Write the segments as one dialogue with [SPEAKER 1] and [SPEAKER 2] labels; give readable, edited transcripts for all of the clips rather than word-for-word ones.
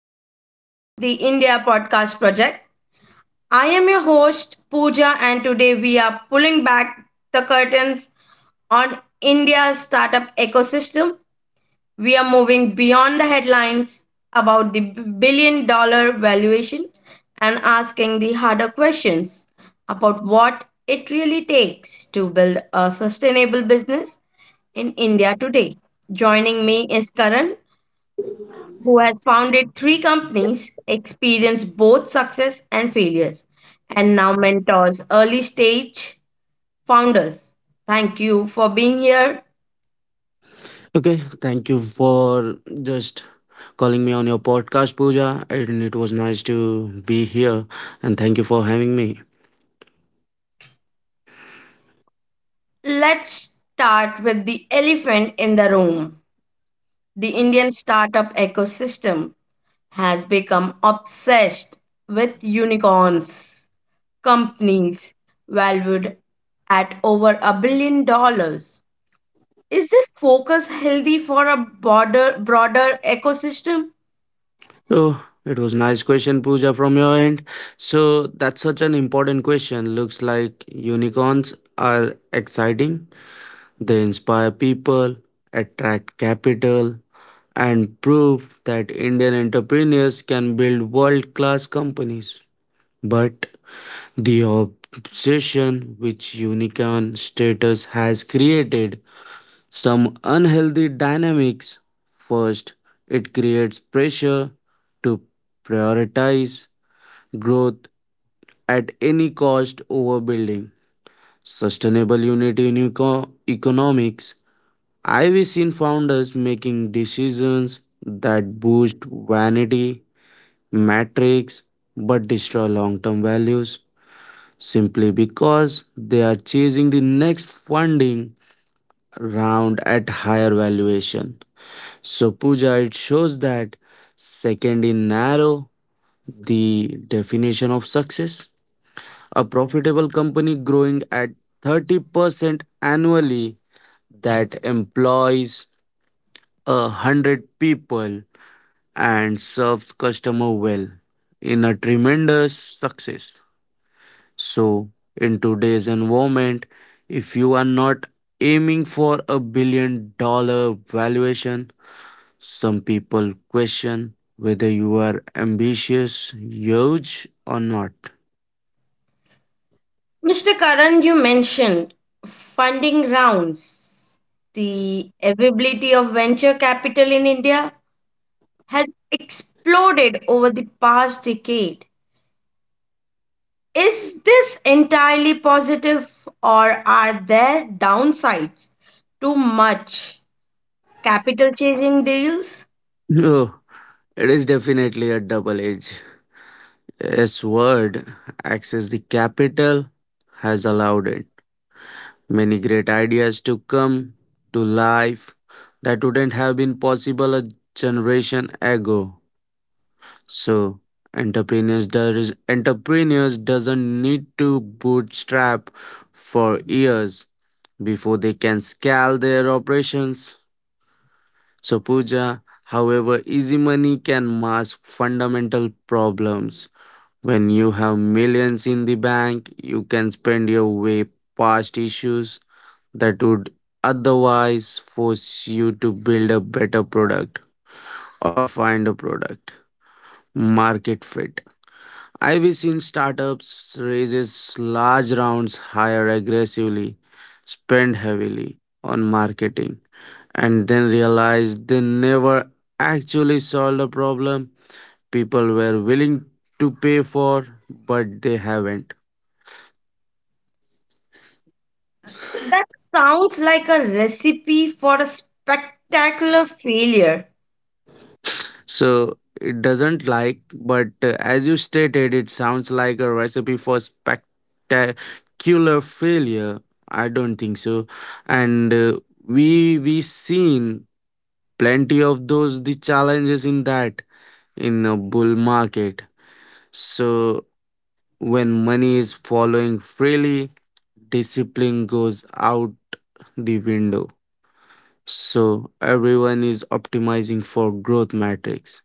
[SPEAKER 1] part of the India podcast project. I am your host, Pooja, and today we are pulling back the curtains on India's startup ecosystem. We are moving beyond the headlines about the billion dollar valuation and asking the harder questions about what it really takes to build a sustainable business in India today. Joining me is Karan, who has founded three companies, experienced both success and failures, and now mentors early stage founders. Thank you for being here.
[SPEAKER 2] Okay, thank you for just calling me on your podcast, Pooja. And it was nice to be here. And thank you for having me.
[SPEAKER 1] Let's start with the elephant in the room. The Indian startup ecosystem has become obsessed with unicorns, companies valued at over a billion dollars. Is this focus healthy for a broader ecosystem?
[SPEAKER 2] So it was nice question, Pooja, from your end. So that's such an important question. Looks like unicorns are exciting. They inspire people, attract capital, and prove that Indian entrepreneurs can build world-class companies. But the obsession which unicorn status has created some unhealthy dynamics. First, it creates pressure to prioritize growth at any cost over building sustainable economics. I've seen founders making decisions that boost vanity metrics but destroy long term values, simply because they are chasing the next funding round at higher valuation. So, Pooja, it shows that second in narrow the definition of success. A profitable company growing at 30% annually that employs a hundred people and serves customer well in a tremendous success. So, in today's environment, if you are not aiming for a $1 billion valuation, some people question whether you are ambitious, huge, or not.
[SPEAKER 1] Mr. Karan, you mentioned funding rounds. The availability of venture capital in India has exploded over the past decade. Is this entirely positive, or are there downsides? Too much capital chasing deals?
[SPEAKER 2] No, it is definitely a double edge. S word, access the capital, has allowed it. Many great ideas to come to life that wouldn't have been possible a generation ago. So entrepreneurs doesn't need to bootstrap for years before they can scale their operations. So Pooja, however, easy money can mask fundamental problems. When you have millions in the bank, you can spend your way past issues that would otherwise force you to build a better product or find a product market fit. I've seen startups raises large rounds, hire aggressively, spend heavily on marketing, and then realize they never actually solved a problem people were willing to pay for, but they haven't.
[SPEAKER 1] That sounds like a recipe for a spectacular failure.
[SPEAKER 2] So it doesn't like, but as you stated, it sounds like a recipe for spectacular failure. I don't think so, and we seen plenty of those the challenges in that in a bull market. So when money is following freely, discipline goes out the window. So everyone is optimizing for growth metrics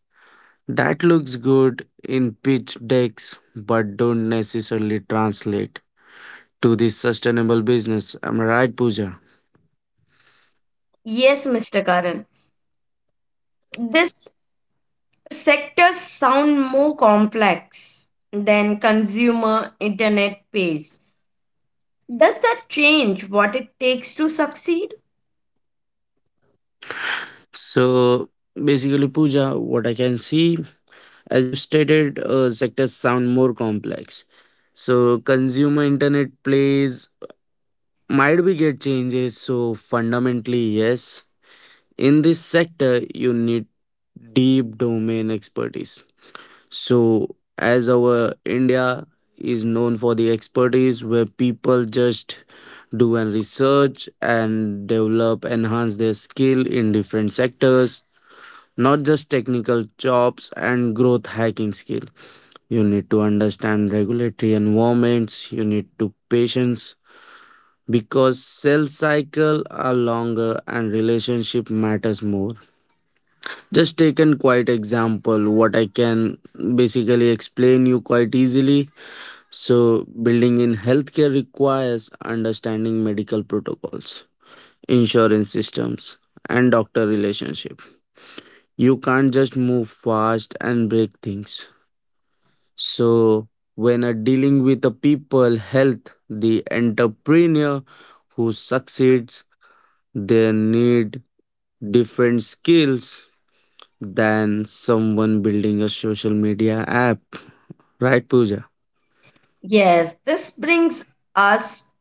[SPEAKER 2] that looks good in pitch decks but don't necessarily translate to the sustainable business, am I right, Pooja?
[SPEAKER 1] Yes, Mr. Karan. This sectors sound more complex than consumer internet pays. Does that change what it takes to succeed?
[SPEAKER 2] So basically, Pooja, what I can see, as you stated, sectors sound more complex. So consumer internet plays might be get changes. So fundamentally, yes. In this sector, you need deep domain expertise. So as our India is known for the expertise where people just do and research and develop enhance their skill in different sectors, not just technical jobs and growth hacking skill. You need to understand regulatory environments, you need to patience because sales cycle are longer and relationship matters more. Just take an quite example what I can basically explain you quite easily. So building in healthcare requires understanding medical protocols, insurance systems, and doctor relationship. You can't just move fast and break things. So, when are dealing with a people health, the entrepreneur who succeeds, they need different skills than someone building a social media app, right, Pooja?
[SPEAKER 1] Yes, this brings us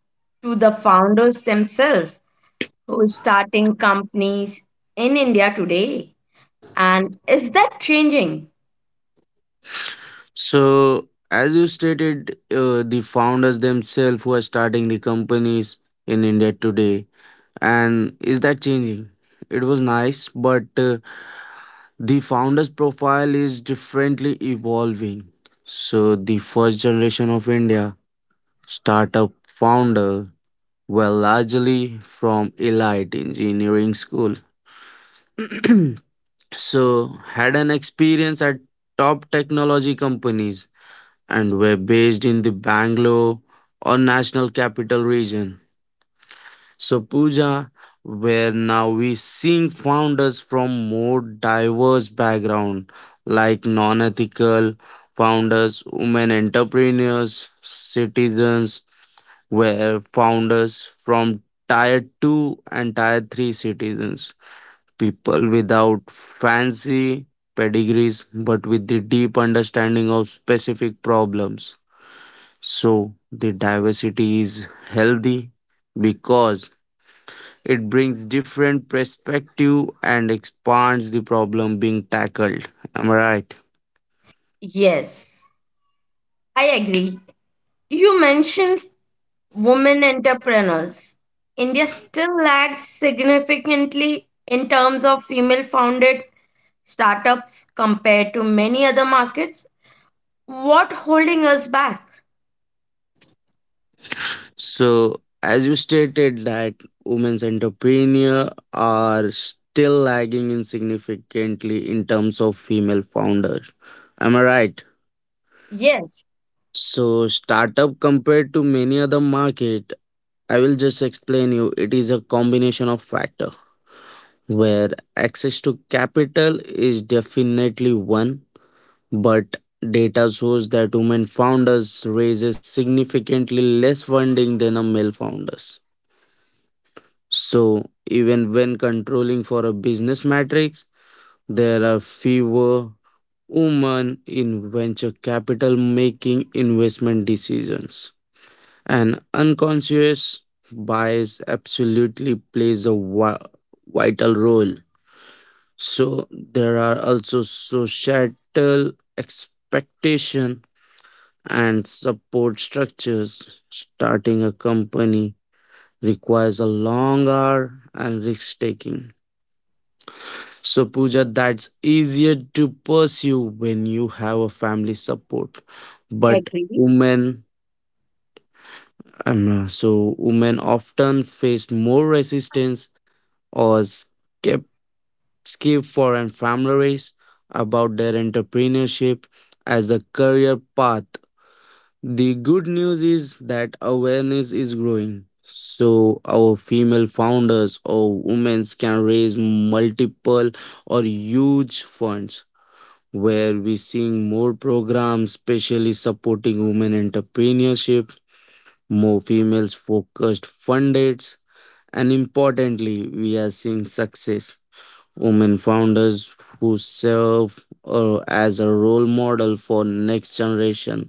[SPEAKER 1] to the founders themselves who are starting companies in India today. And is that changing?
[SPEAKER 2] So, as you stated, the founders themselves who are starting the companies in India today, and is that changing? It was nice, but the founder's profile is differently evolving. So, the first generation of India startup founder were largely from elite engineering school. So, had an experience at top technology companies and were based in the Bangalore or national capital region. So, Pooja, where now we seeing founders from more diverse background, like non-ethical founders, women entrepreneurs, citizens, where founders from tier two and tier three citizens, people without fancy pedigrees, but with the deep understanding of specific problems. So the diversity is healthy because it brings different perspective and expands the problem being tackled. Am I right?
[SPEAKER 1] Yes, I agree. You mentioned women entrepreneurs. India still lags significantly in terms of female founded startups compared to many other markets. What holding us back?
[SPEAKER 2] So, as you stated that women's entrepreneur are still lagging insignificantly in terms of female founders. Am I right?
[SPEAKER 1] Yes,
[SPEAKER 2] So, startup compared to many other market, I will just explain you. It is a combination of factor where access to capital is definitely one. But data shows that women founders raises significantly less funding than a male founders. So even when controlling for a business matrix, there are fewer women in venture capital making investment decisions. An unconscious bias absolutely plays a vital role. So there are also societal expectation and support structures. Starting a company requires a long hour and risk taking. So, Pooja, that's easier to pursue when you have a family support. But
[SPEAKER 1] agree.
[SPEAKER 2] women, so women often face more resistance or skip foreign families about their entrepreneurship as a career path. The good news is that awareness is growing. So, our female founders or women can raise multiple or huge funds where we're seeing more programs, especially supporting women entrepreneurship, more females focused funders, and importantly, we are seeing success. Women founders who serve as a role model for next generation.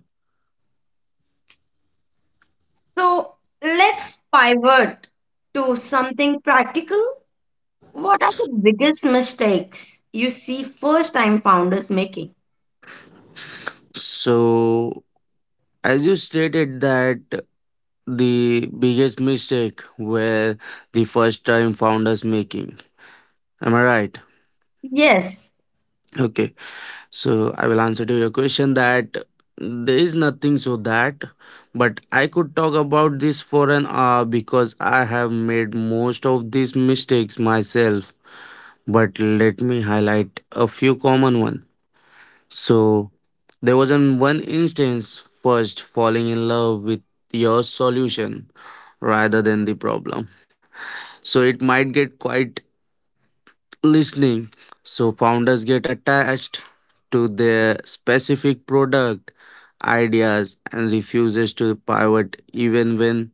[SPEAKER 1] So let's pivot to something practical. What are the biggest mistakes you see first time founders making?
[SPEAKER 2] So as you stated that the biggest mistake were the first time founders making, am I right?
[SPEAKER 1] Yes,
[SPEAKER 2] Okay, so I will answer to your question that there is nothing so that, but I could talk about this for an hour because I have made most of these mistakes myself. But let me highlight a few common one. So there was an one instance, first falling in love with your solution rather than the problem. So it might get quite listening. So founders get attached to their specific product ideas and refuses to pivot even when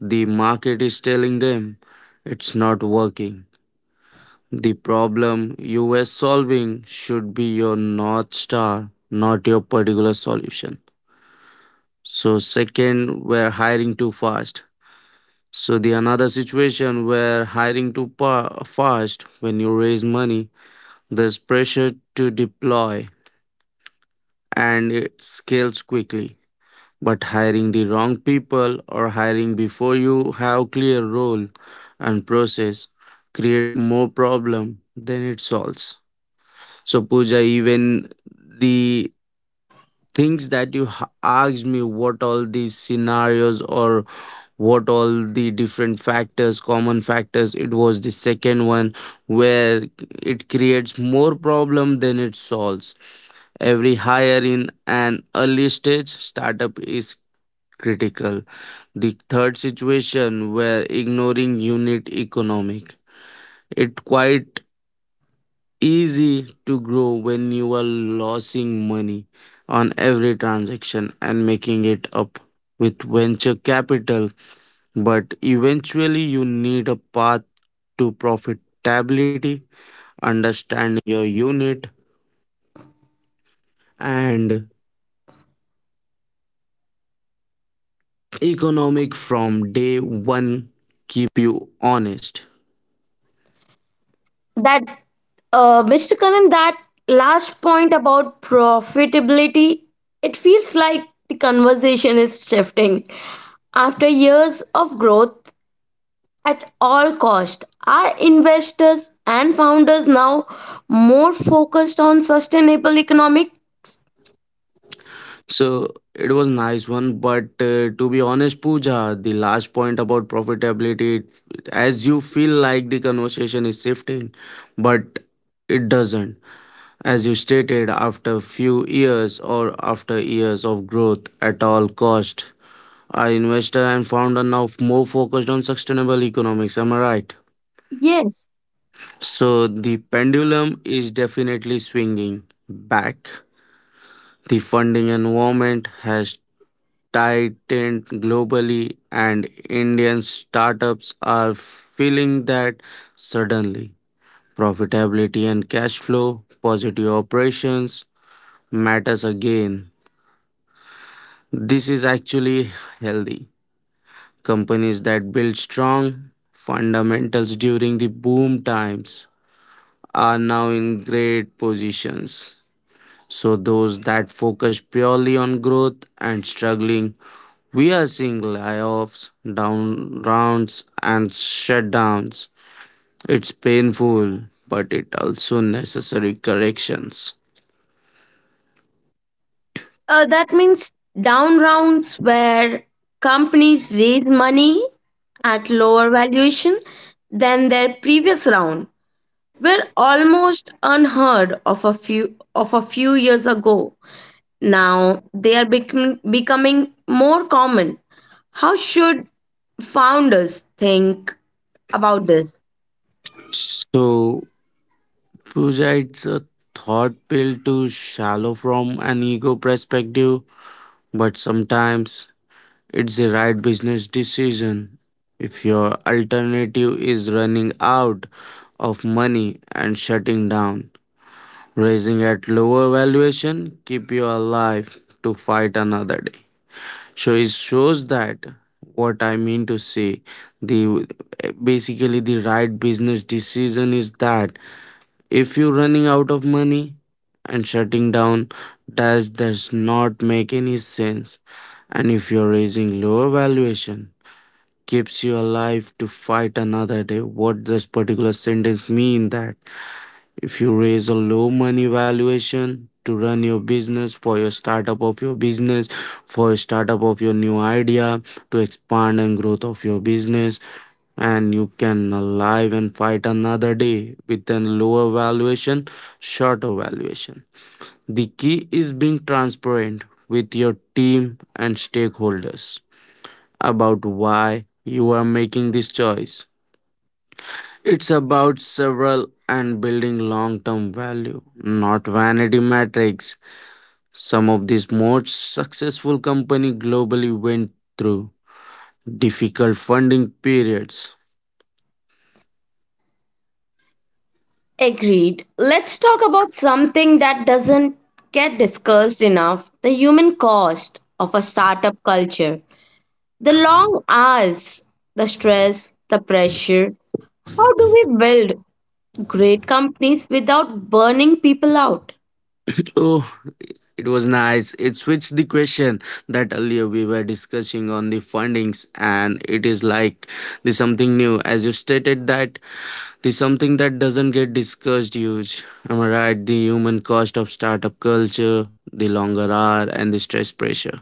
[SPEAKER 2] the market is telling them it's not working. The problem you were solving should be your North Star, not your particular solution. So, second, we're hiring too fast. So the another situation where hiring too fast when you raise money, there's pressure to deploy and it scales quickly. But hiring the wrong people or hiring before you have clear role and process create more problem than it solves. So Pooja, even the things that you asked me, what all these scenarios or what all the different factors common factors, it was the second one where it creates more problem than it solves. Every hire in an early stage startup is critical. The third situation where ignoring unit economic, it quite easy to grow when you are losing money on every transaction and making it up with venture capital, but eventually you need a path to profitability.
[SPEAKER 1] that Mr. Kanan, that last point about profitability, it feels like the conversation is shifting. After years of growth at all cost, are investors and founders now more focused on sustainable economic?
[SPEAKER 2] So it was nice one, but to be honest, Pooja, the last point about profitability, it- as you feel like the conversation is shifting, but it doesn't. As you stated, after few years or after years of growth at all cost, our investor and founder now more focused on sustainable economics. Am I right?
[SPEAKER 1] Yes,
[SPEAKER 2] So the pendulum is definitely swinging back. The funding environment has tightened globally, and Indian startups are feeling that suddenly. Profitability and cash flow, positive operations matters again. This is actually healthy. Companies that build strong fundamentals during the boom times are now in great positions. So those that focus purely on growth and struggling. We are seeing layoffs, down rounds, and shutdowns. It's painful, but it also necessary corrections.
[SPEAKER 1] that means down rounds, where companies raise money at lower valuation than their previous round, were almost unheard of a few years ago. Now they are becoming more common. How should founders think about this?
[SPEAKER 2] So projects a thought pill to shallow from an ego perspective, but sometimes it's the right business decision. If your alternative is running out of money and shutting down, raising at lower valuation keep you alive to fight another day. So it shows that what I mean to say, the basically the right business decision is that if you're running out of money and shutting down does not make any sense. And if you're raising lower valuation keeps you alive to fight another day. What does particular sentence mean that if you raise a low money valuation to run your business for your startup of your business, for your startup of your new idea, to expand and growth of your business, and you can alive and fight another day with a lower valuation, shorter valuation. The key is being transparent with your team and stakeholders about why you are making this choice. It's about several and building long term value, not vanity metrics. Some of these most successful companies globally went through difficult funding periods.
[SPEAKER 1] Agreed. Let's talk about something that doesn't get discussed enough, the human cost of a startup culture. The long hours, the stress, the pressure. How do we build great companies without burning people out?
[SPEAKER 2] Oh, it was nice. It switched the question that earlier we were discussing on the fundings, and it is like the something new. As you stated that the something that doesn't get discussed huge. Am I right? The human cost of startup culture, the longer hour, and the stress pressure.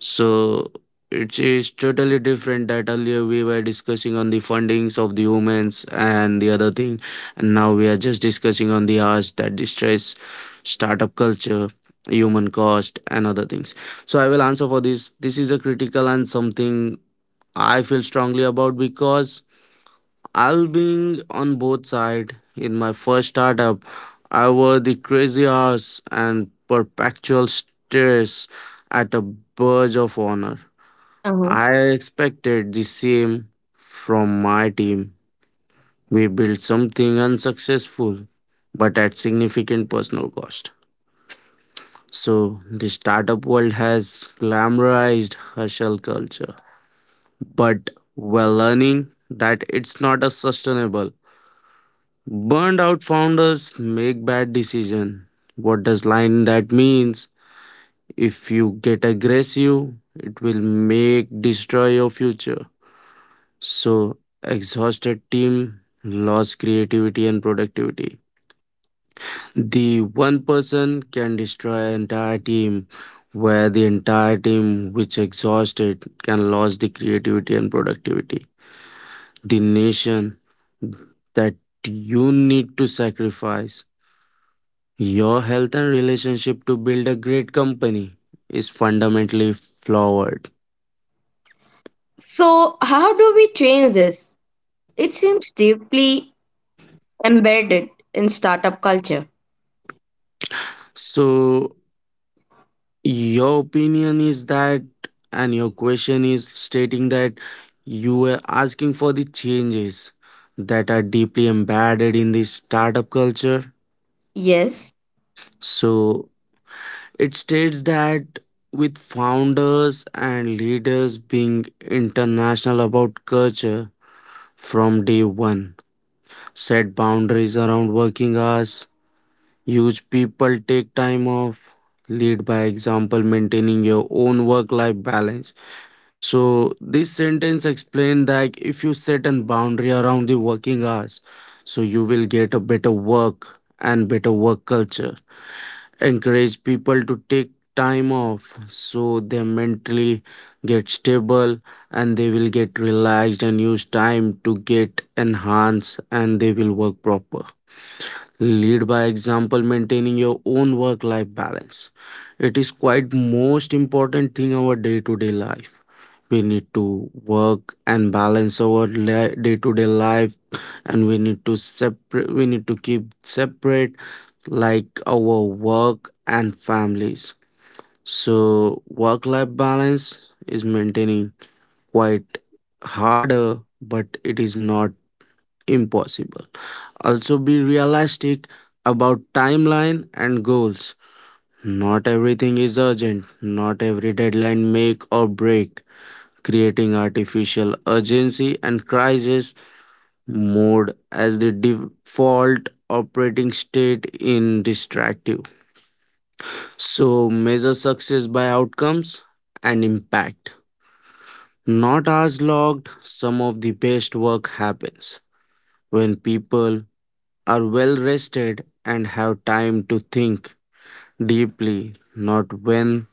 [SPEAKER 2] So it is totally different that earlier we were discussing on the fundings of the humans and the other thing, and now we are just discussing on the hours that distress startup culture, human cost, and other things. So I will answer for this. This is a critical and something I feel strongly about because I'll being on both side in my first startup. I were the crazy hours and perpetual stress at a verge of honor. I expected the same from my team. We built something unsuccessful, but at significant personal cost. So, the startup world has glamorized hustle culture, but we're learning that it's not a sustainable. Burned out founders make bad decisions. What does line that means? If you get aggressive, it will make destroy your future. So, exhausted team lost creativity and productivity. The one person can destroy an entire team where the entire team which exhausted can lose the creativity and productivity. The nation that you need to sacrifice your health and relationship to build a great company is fundamentally flawed.
[SPEAKER 1] So, how do we change this? It seems deeply embedded in startup culture.
[SPEAKER 2] So your opinion is that, and your question is stating that you were asking for the changes that are deeply embedded in the startup culture.
[SPEAKER 1] Yes.
[SPEAKER 2] So it states that with founders and leaders being international about culture from day one, set boundaries around working hours, use people take time off, lead by example, maintaining your own work life balance. So this sentence explained that if you set a boundary around the working hours, so you will get a better work and better work culture. Encourage people to take time off so they mentally get stable and they will get relaxed and use time to get enhanced and they will work proper. Lead by example maintaining your own work life balance, it is quite most important thing our day to day life, we need to work and balance our day to day life, and we need to separate, we need to keep separate like our work and families. So work life balance is maintaining quite harder, but it is not impossible. Also be realistic about timeline and goals. Not everything is urgent. Not every deadline make or break, creating artificial urgency and crisis mode as the default operating state in distractive. So measure success by outcomes and impact. Not hours logged, some of the best work happens when people are well rested and have time to think deeply, not when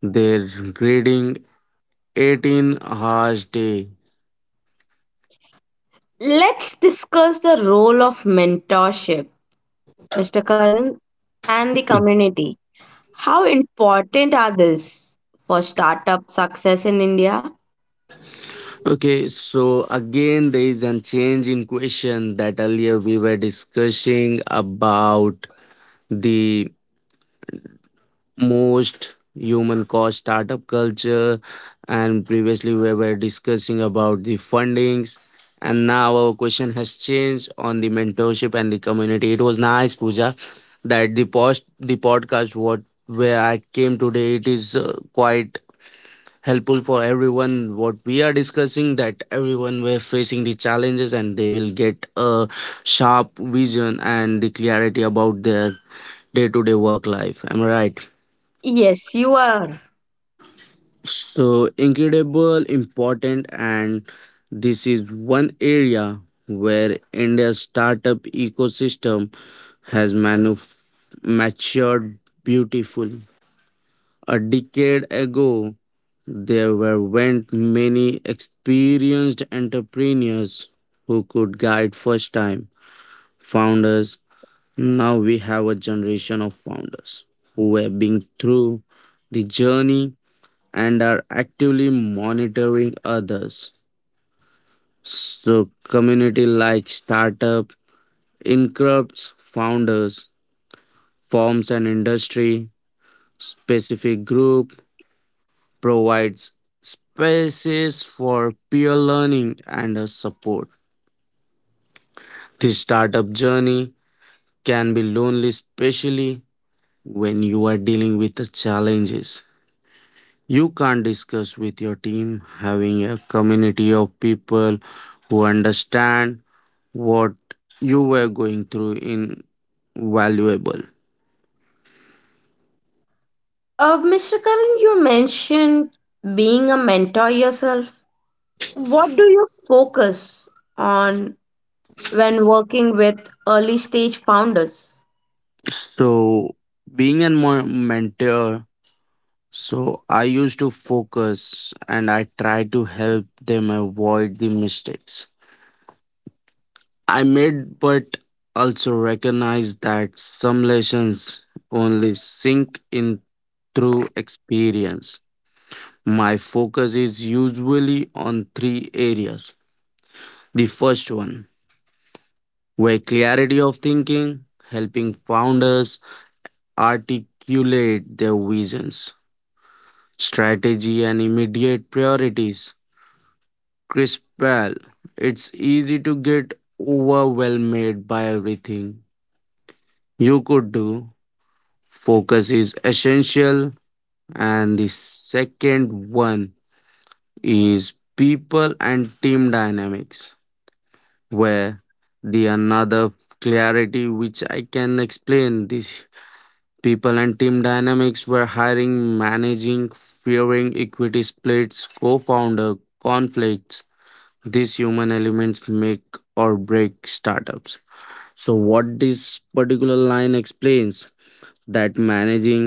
[SPEAKER 2] they're grading 18 hours day.
[SPEAKER 1] Let's discuss the role of mentorship, Mr. Karan, and the community. How important are these for startup success in India?
[SPEAKER 2] Okay, so again, there is a change in question that earlier we were discussing about the most human cost startup culture, and previously we were discussing about the fundings. And now our question has changed on the mentorship and the community. It was nice, Pooja, that the post the podcast what where I came today. It is quite helpful for everyone what we are discussing that everyone were facing the challenges and they will get a sharp vision and the clarity about their day-to-day work life, am I right?
[SPEAKER 1] Yes, you are.
[SPEAKER 2] So incredible important, and this is one area where India's startup ecosystem has matured beautiful. A decade ago, there were weren't many experienced entrepreneurs who could guide first time founders. Now we have a generation of founders who have been through the journey and are actively monitoring others. So community like startup, incubates founders, forms an industry specific group, provides spaces for peer learning and support. The startup journey can be lonely, especially when you are dealing with the challenges you can't discuss with your team. Having a community of people who understand what you were going through in valuable.
[SPEAKER 1] Mr. Karan, you mentioned being a mentor yourself. What do you focus on when working with early stage founders?
[SPEAKER 2] So, being a mentor, so I used to focus and I tried to help them avoid the mistakes I made, but also recognize that some lessons only sink in through experience. My focus is usually on three areas. The first one, where clarity of thinking, helping founders articulate their visions, strategy, and immediate priorities Chris Pal, it's easy to get overwhelmed by everything you could do. Focus is essential. And the second one is people and team dynamics, where the another clarity which I can explain this people and team dynamics were hiring, managing, fearing equity splits, co founder conflicts. These human elements make or break startups. So, what this particular line explains that managing,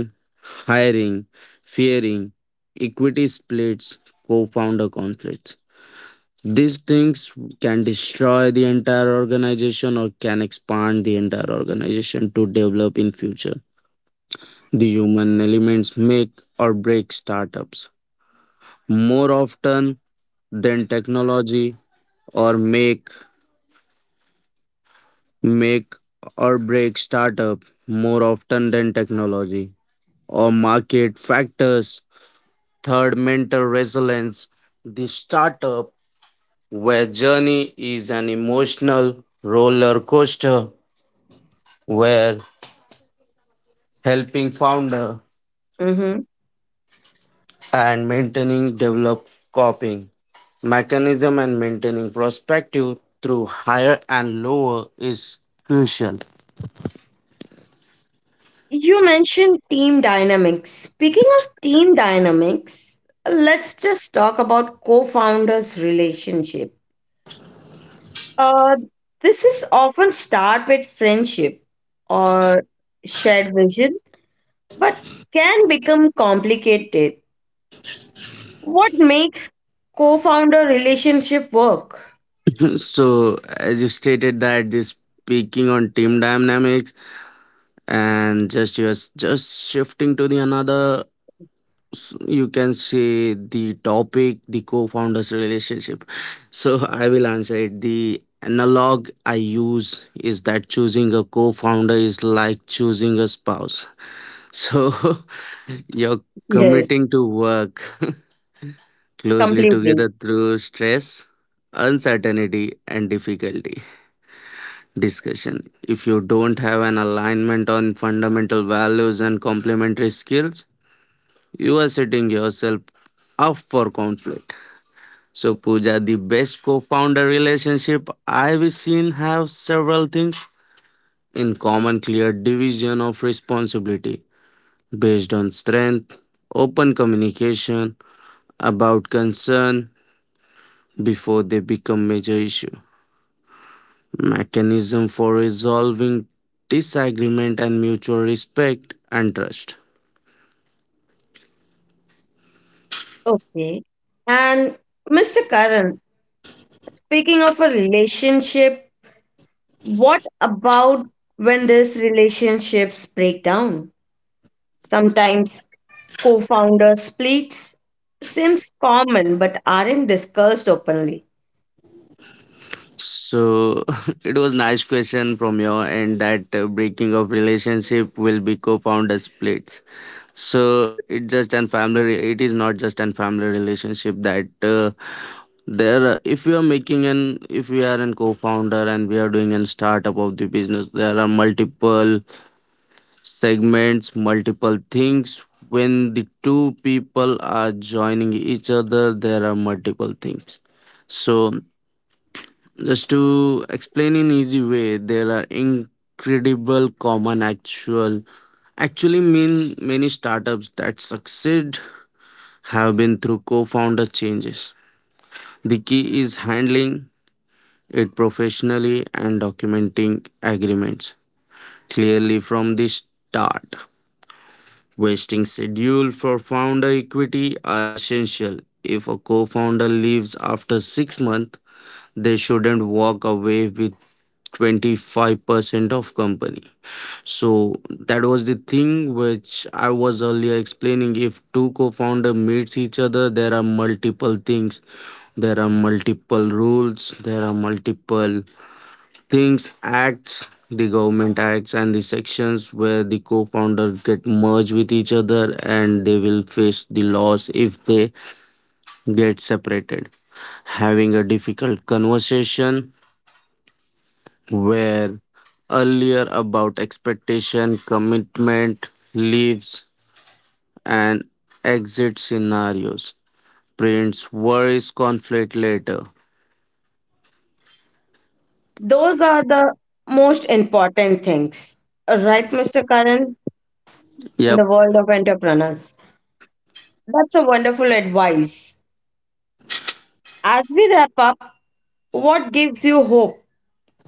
[SPEAKER 2] hiring, fearing, equity splits, co founder conflicts. These things can destroy the entire organization or can expand the entire organization to develop in future. The human elements make or break startups more often than technology or make or break startup more often than technology or market factors. Third, mental resilience. The startup where journey is an emotional roller coaster where helping founder
[SPEAKER 1] Mm-hmm.
[SPEAKER 2] and maintaining develop coping mechanism and maintaining perspective through higher and lower is crucial.
[SPEAKER 1] You mentioned team dynamics. Speaking of team dynamics, let's just talk about co-founders' relationship. Uh, this is often start with friendship or shared vision, but can become complicated. What makes co-founder relationship work?
[SPEAKER 2] So, as you stated that this speaking on team dynamics and just shifting to the another you can say the topic the co-founders relationship. So I will answer it, the analog I use is that choosing a co-founder is like choosing a spouse. So you're
[SPEAKER 1] Yes,
[SPEAKER 2] committing to work closely
[SPEAKER 1] completely.
[SPEAKER 2] together through stress, uncertainty and difficulty discussion. If you don't have an alignment on fundamental values and complementary skills, you are setting yourself up for conflict. So, Pooja, the best co founder relationship I've seen have several things in common, clear division of responsibility based on strength, open communication about concern before they become major issue, mechanism for resolving disagreement and mutual respect and trust.
[SPEAKER 1] Okay. And Mr. Karan, speaking of a relationship, what about when these relationships break down? Sometimes co founder splits seems common but aren't discussed openly.
[SPEAKER 2] So it was nice question from your end that breaking of relationship will be co-founder splits. So it just and family. It is not just an family relationship that there. If we are making an, if we are a co-founder and we are doing a startup of the business, there are multiple segments, multiple things. When the two people are joining each other, there are multiple things. So just to explain in easy way, there are incredible common actual actually mean many startups that succeed have been through co-founder changes. The key is handling it professionally and documenting agreements clearly from the start. Vesting schedule for founder equity are essential. If a co-founder leaves after 6 months, they shouldn't walk away with 25% of company. So that was the thing which I was earlier explaining. If two co-founder meets each other, there are multiple things. There are multiple rules. There are multiple things, acts, the government acts and the sections where the co-founder get merged with each other and they will face the loss if they get separated. Having a difficult conversation where earlier about expectation, commitment, leaves, and exit scenarios. Prince worries conflict later.
[SPEAKER 1] Those are the most important things. Right, Mr. Karan, in
[SPEAKER 2] Yep,
[SPEAKER 1] the world of entrepreneurs. That's a wonderful advice. As we wrap up, what gives you hope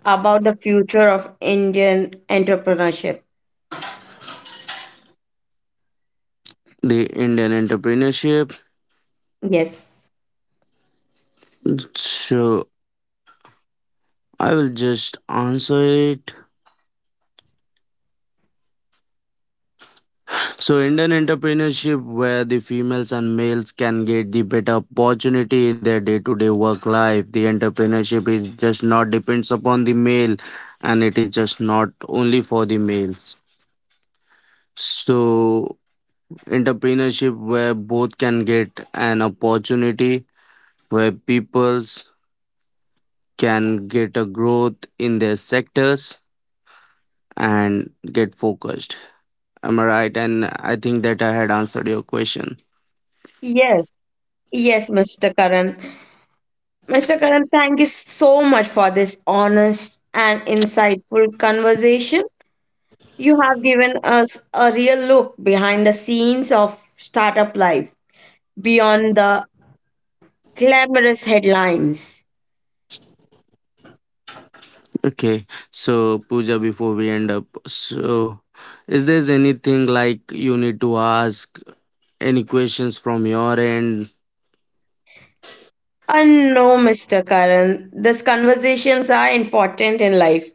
[SPEAKER 1] about the future of Indian entrepreneurship?
[SPEAKER 2] the Indian entrepreneurship.
[SPEAKER 1] Yes.
[SPEAKER 2] So I will just answer it. So Indian entrepreneurship where the females and males can get the better opportunity in their day-to-day work life. The entrepreneurship is just not depends upon the male and it is just not only for the males. So, entrepreneurship where both can get an opportunity, where peoples can get a growth in their sectors and get focused. Am I right? And I think that I had answered your question.
[SPEAKER 1] Yes. Yes, Mr. Karan. Mr. Karan, thank you so much for this honest and insightful conversation. You have given us a real look behind the scenes of startup life, beyond the glamorous headlines.
[SPEAKER 2] Okay. So, Pooja, before we end up, so is there anything like you need to ask? Any questions from your end?
[SPEAKER 1] No, Mr. Karan. These conversations are important in life.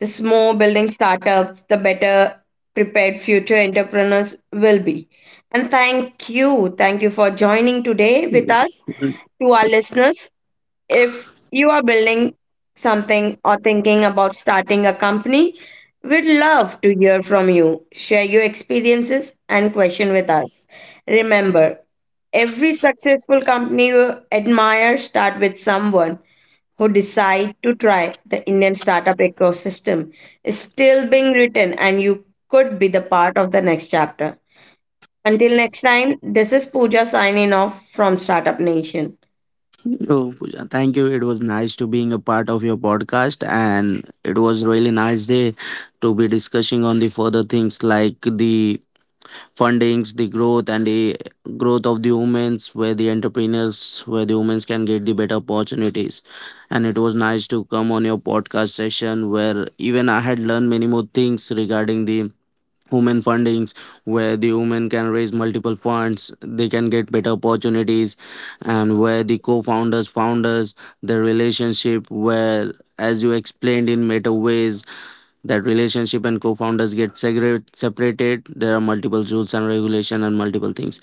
[SPEAKER 1] The more building startups, the better prepared future entrepreneurs will be. And thank you. Thank you for joining today with us. To our listeners, if you are building something or thinking about starting a company, we'd love to hear from you. Share your experiences and question with us. Remember, every successful company you admire start with someone who decide to try. The Indian startup ecosystem is still being written, and you could be the part of the next chapter. Until next time, this is Pooja signing off from Startup Nation.
[SPEAKER 2] Oh, Pooja, thank you. It was nice to being a part of your podcast, and it was really nice day to be discussing on the further things like the fundings, the growth, and the growth of the women's, where the entrepreneurs, where the women's can get the better opportunities. And it was nice to come on your podcast session, where even I had learned many more things regarding the women fundings, where the women can raise multiple funds, they can get better opportunities, and where the co-founders founders the relationship, where as you explained in meta ways, that relationship and co-founders get segregate, separated, there are multiple rules and regulation and multiple things.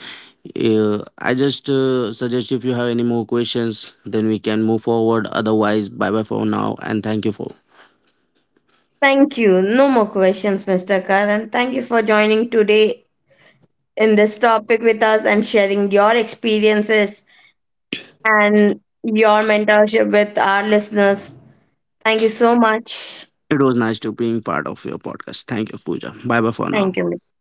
[SPEAKER 2] I just suggest if you have any more questions then we can move forward, otherwise bye bye for now, and thank you for
[SPEAKER 1] Thank you. No more questions, Mr. Karan. Thank you for joining today in this topic with us and sharing your experiences and your mentorship with our listeners. Thank you so much.
[SPEAKER 2] it was nice to being part of your podcast. Thank you Pooja, bye bye for now.
[SPEAKER 1] Thank you, Mr.